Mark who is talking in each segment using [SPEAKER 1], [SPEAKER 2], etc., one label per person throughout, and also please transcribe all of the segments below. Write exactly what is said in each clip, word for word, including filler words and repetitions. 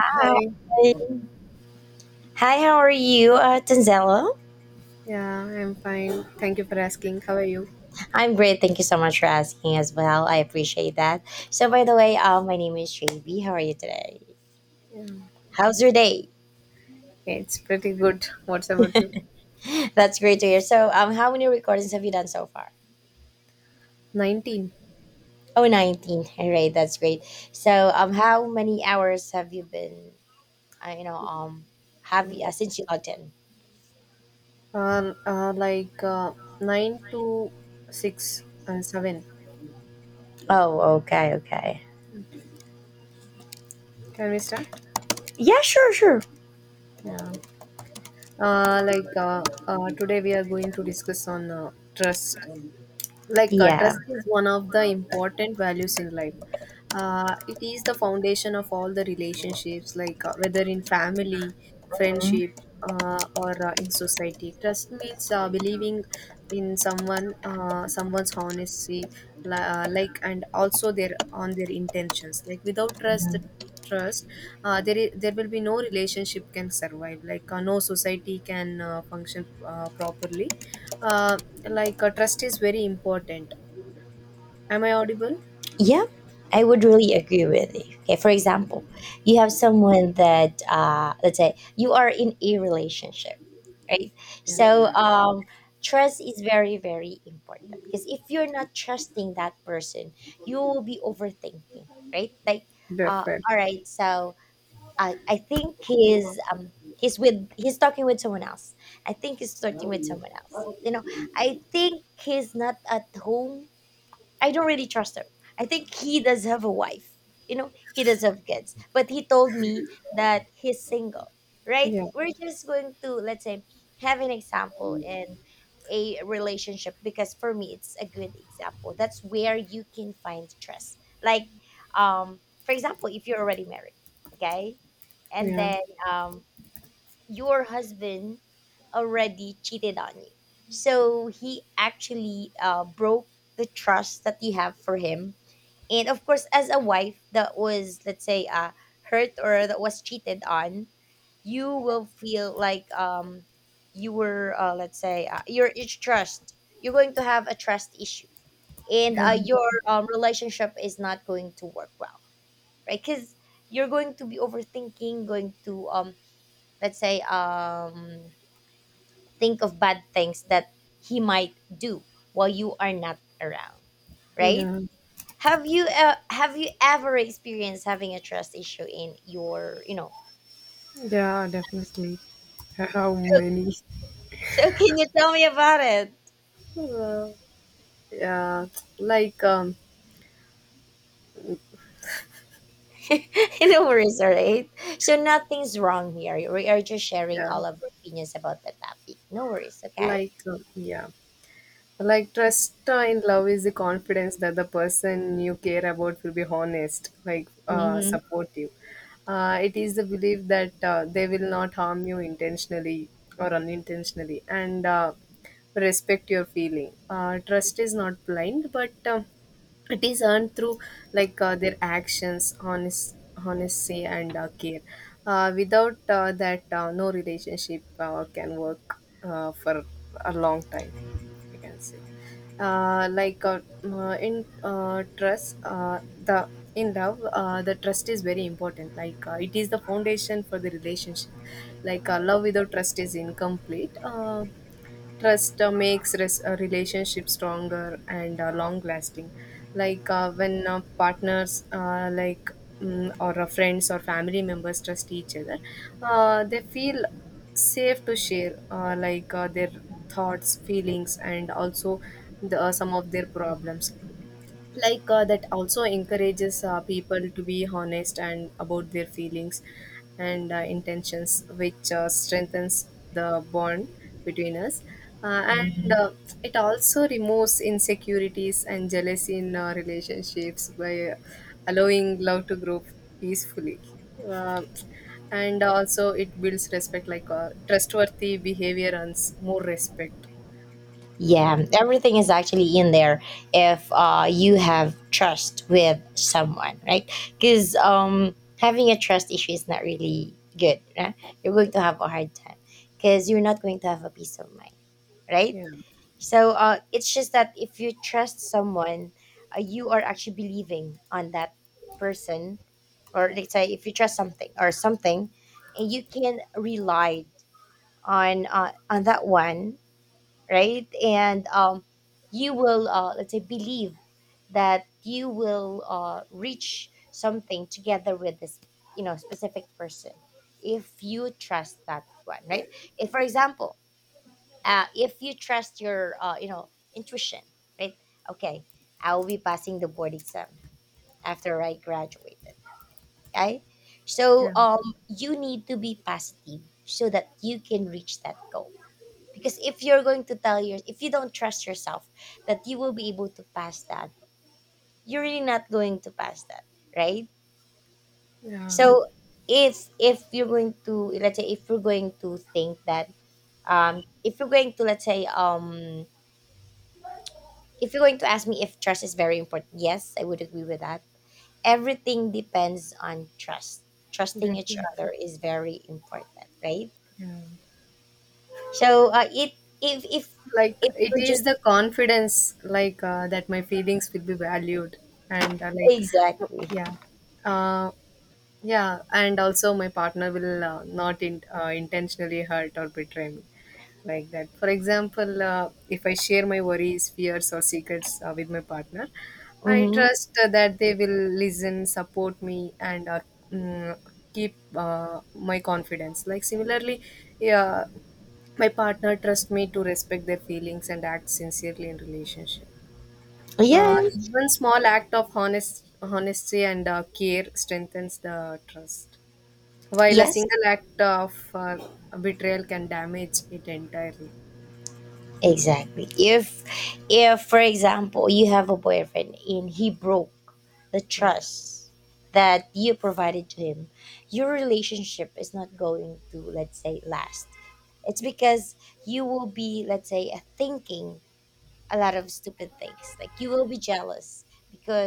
[SPEAKER 1] Hi. Hi, how are you, uh, Tanzelo?
[SPEAKER 2] Yeah, I'm fine. Thank you for asking. How are you?
[SPEAKER 1] I'm great. Thank you so much for asking as well. I appreciate that. So, by the way, um, my name is J B. How are you today?
[SPEAKER 2] Yeah.
[SPEAKER 1] How's your day?
[SPEAKER 2] Okay, it's pretty good. What's about you?
[SPEAKER 1] That's great to hear. So, um, how many recordings have you done so far?
[SPEAKER 2] nineteen.
[SPEAKER 1] Oh, nineteen. All right, that's great. So, um, how many hours have you been, uh, you know, um, have you, uh, since you logged in?
[SPEAKER 2] Um, uh, like uh, nine to six, uh, seven.
[SPEAKER 1] Oh, okay, okay.
[SPEAKER 2] Can we start?
[SPEAKER 1] Yeah, sure, sure.
[SPEAKER 2] Yeah. Uh, like uh, uh, today we are going to discuss on uh, trust. Like uh,
[SPEAKER 1] Yeah.
[SPEAKER 2] trust is one of the important values in life. Uh, it is the foundation of all the relationships, like uh, whether in family, friendship, uh, or uh, in society. Trust means uh, believing in someone, uh, someone's honesty, li- uh, like and also their, on their intentions. Like, without trust trust uh, there is, there will be no relationship can survive, like uh, no society can uh, function uh, properly. uh, like uh, Trust is very important. Am I audible?
[SPEAKER 1] Yeah, I would really agree with you. Okay, for example, you have someone that uh, let's say you are in a relationship, right? So
[SPEAKER 2] Yeah.
[SPEAKER 1] um, trust is very very important because if you're not trusting that person, you will be overthinking, right? Like, uh,
[SPEAKER 2] Perfect.
[SPEAKER 1] all right, so I I think he's um he's with he's talking with someone else. I think he's flirting with someone else. You know, I think he's not at home. I don't really trust him. I think he does have a wife. You know, he does have kids. But he told me that he's single, right?
[SPEAKER 2] Yeah,
[SPEAKER 1] We're just going to, let's say, have an example in a relationship because for me, it's a good example. That's where you can find trust. Like, um, for example, if you're already married, okay? And
[SPEAKER 2] yeah,
[SPEAKER 1] then um, your husband already cheated on you. So he actually uh, broke the trust that you have for him. And of course, as a wife that was, let's say, uh, hurt or that was cheated on, you will feel like um, you were, uh, let's say, uh, your it's trust. You're going to have a trust issue. And
[SPEAKER 2] yeah,
[SPEAKER 1] uh, your um, relationship is not going to work well, right? Because you're going to be overthinking, going to um, let's say um think of bad things that he might do while you are not around, right?
[SPEAKER 2] yeah,
[SPEAKER 1] Have you uh, have you ever experienced having a trust issue in your you know
[SPEAKER 2] yeah, definitely. How many?
[SPEAKER 1] So can you tell me about it?
[SPEAKER 2] Uh, yeah, like um,
[SPEAKER 1] No worries, all right, so nothing's wrong here, we are just sharing
[SPEAKER 2] yeah,
[SPEAKER 1] all of our opinions about the topic. No worries. Okay.
[SPEAKER 2] like um, yeah, like trust uh, in love is the confidence that the person you care about will be honest, like uh,
[SPEAKER 1] Mm-hmm.
[SPEAKER 2] supportive. Uh, it is the belief that uh, they will not harm you intentionally or unintentionally, and uh, respect your feeling. Uh, trust is not blind, but. Uh, it is earned through like uh, their actions, honest honesty and uh, care. Uh, without uh, that uh, No relationship uh, can work uh, for a long time, you can say. Uh, like uh, uh, in uh, trust uh, the in love, uh, the trust is very important. Like uh, it is the foundation for the relationship. Like uh, love without trust is incomplete. uh, Trust uh, makes res- a relationship stronger and uh, long lasting. Like uh, when uh, partners, uh, like mm or uh, friends, or family members trust each other, uh, they feel safe to share uh, like uh, their thoughts, feelings, and also the, uh, some of their problems. Like uh, that also encourages uh, people to be honest and about their feelings and uh, intentions, which uh, strengthens the bond between us. Uh, and uh,
[SPEAKER 1] Mm-hmm.
[SPEAKER 2] It also removes insecurities and jealousy in uh, relationships by allowing love to grow peacefully. uh, and also it builds respect. Like uh, trustworthy behavior earns more respect. yeah
[SPEAKER 1] Yeah, everything is actually in there if uh, you have trust with someone, right? Because um, having a trust issue is not really good. Right? You're going to have a hard time because you're not going to have a peace of mind, right?
[SPEAKER 2] yeah
[SPEAKER 1] So uh, it's just that if you trust someone, uh, you are actually believing on that person, or let's say if you trust something or something, and you can rely on uh, on that one, right? And um, you will, uh, let's say, believe that you will uh, reach something together with this, you know, specific person if you trust that one, right? If, for example, uh, if you trust your, uh, you know, intuition, right? Okay, I will be passing the board exam after I graduated. Okay, so
[SPEAKER 2] yeah
[SPEAKER 1] um, you need to be positive so that you can reach that goal, because if you're going to tell your if you don't trust yourself that you will be able to pass that, you're really not going to pass that, right?
[SPEAKER 2] yeah
[SPEAKER 1] So if if you're going to, let's say, if you're going to think that, um if you're going to, let's say, um if you're going to ask me if trust is very important, yes, I would agree with that. Everything depends on trust. Trusting each
[SPEAKER 2] Definitely.
[SPEAKER 1] other is very important, right?
[SPEAKER 2] Yeah.
[SPEAKER 1] So uh, it if if
[SPEAKER 2] Like
[SPEAKER 1] if
[SPEAKER 2] it
[SPEAKER 1] we're
[SPEAKER 2] is
[SPEAKER 1] just
[SPEAKER 2] the confidence, like uh, that my feelings will be valued, and uh, like, w-
[SPEAKER 1] exactly.
[SPEAKER 2] yeah, uh, yeah, and also my partner will uh, not in, uh, intentionally hurt or betray me. Like that For example, uh, if I share my worries, fears, or secrets uh, with my partner, I
[SPEAKER 1] Mhm.
[SPEAKER 2] trust uh, that they will listen, support me, and uh, mm, keep uh, my confidence. Like similarly, yeah, my partner trusts me to respect their feelings and act sincerely in relationship. Uh,
[SPEAKER 1] Yeah,
[SPEAKER 2] even small act of honest, honesty and uh, care strengthens the trust, while a
[SPEAKER 1] yes,
[SPEAKER 2] single act of uh, betrayal can damage it entirely.
[SPEAKER 1] exactly. If if for example you have a boyfriend and he broke the
[SPEAKER 2] Yeah,
[SPEAKER 1] trust that you provided to him, your relationship is not going to, let's say, last. It's because you will be, let's say, thinking a lot of stupid things. Like you will be jealous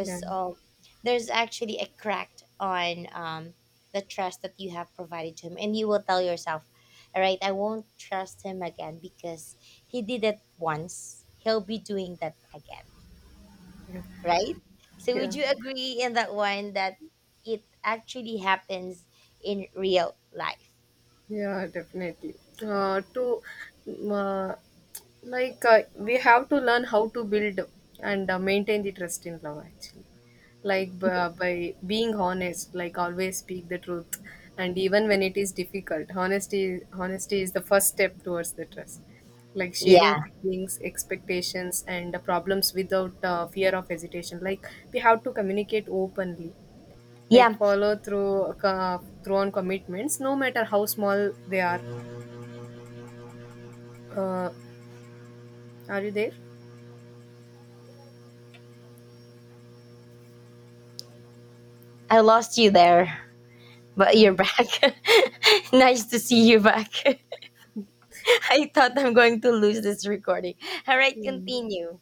[SPEAKER 2] yeah,
[SPEAKER 1] um, there's actually a crack on um, the trust that you have provided to him, and you will tell yourself, "All right, I won't trust him again because he did it once. He'll be doing that again."
[SPEAKER 2] yeah.
[SPEAKER 1] Right? So would
[SPEAKER 2] yeah.
[SPEAKER 1] you agree in that one that it actually happens in real life?
[SPEAKER 2] Yeah, definitely. Uh, to uh, like uh, We have to learn how to build and uh, maintain the trust in love actually. Like by, by being honest, like always speak the truth, and even when it is difficult, honesty honesty is the first step towards the trust. Like sharing
[SPEAKER 1] Yeah,
[SPEAKER 2] feelings, expectations, and uh, problems without uh, fear of hesitation. Like, we have to communicate openly, like
[SPEAKER 1] yeah.
[SPEAKER 2] follow through co- through on commitments no matter how small they are. uh, are you there?
[SPEAKER 1] I lost you there, but
[SPEAKER 2] Yeah.
[SPEAKER 1] you're back. Nice to see you back. I thought I'm going to lose this recording. All right,
[SPEAKER 2] Mm.
[SPEAKER 1] continue.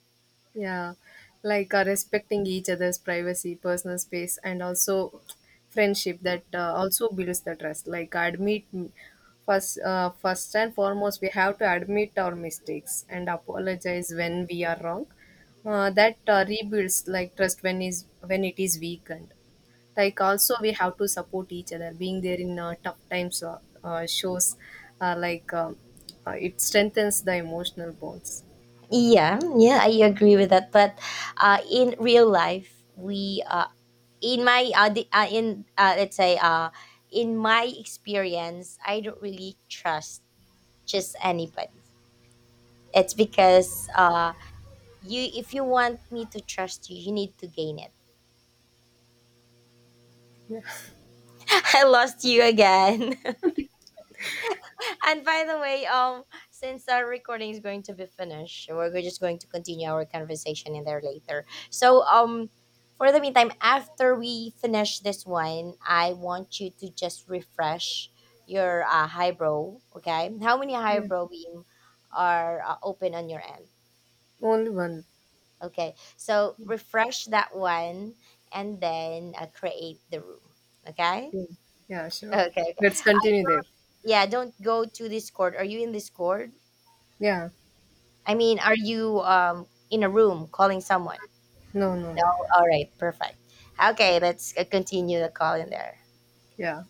[SPEAKER 2] Yeah, like uh, respecting each other's privacy, personal space, and also friendship, that uh, also builds the trust. Like admit first uh, first and foremost, we have to admit our mistakes and apologize when we are wrong. Uh, that uh, rebuilds like trust when is when it is weakened. Like, also we have to support each other. Being there in uh, tough times uh, uh, shows, uh, like um uh, it strengthens the emotional bonds.
[SPEAKER 1] Yeah, yeah, I agree with that. But uh, in real life, we uh, in my uh, the, uh in uh, let's say, uh in my experience, I don't really trust just anybody. It's because uh you if you want me to trust you, you need to gain it.
[SPEAKER 2] Yeah.
[SPEAKER 1] I lost you again. And by the way, um, since our recording is going to be finished, we're go- just going to continue our conversation in there later. So, um, for the meantime, after we finish this one, I want you to just refresh your uh, highbrow. Okay, how many
[SPEAKER 2] Yeah.
[SPEAKER 1] highbrow beam are uh, open on your end?
[SPEAKER 2] Only one.
[SPEAKER 1] Okay, so refresh that one and then uh, create the room. Okay.
[SPEAKER 2] Yeah, yeah, sure,
[SPEAKER 1] Okay. Okay.
[SPEAKER 2] let's
[SPEAKER 1] I,
[SPEAKER 2] continue there.
[SPEAKER 1] yeah. Don't go to Discord. Are you in Discord?
[SPEAKER 2] Yeah.
[SPEAKER 1] I mean, are you um in a room calling someone?
[SPEAKER 2] No, no,
[SPEAKER 1] No.
[SPEAKER 2] no.
[SPEAKER 1] All right. Perfect. Okay. Let's uh, continue the call in there.
[SPEAKER 2] Yeah.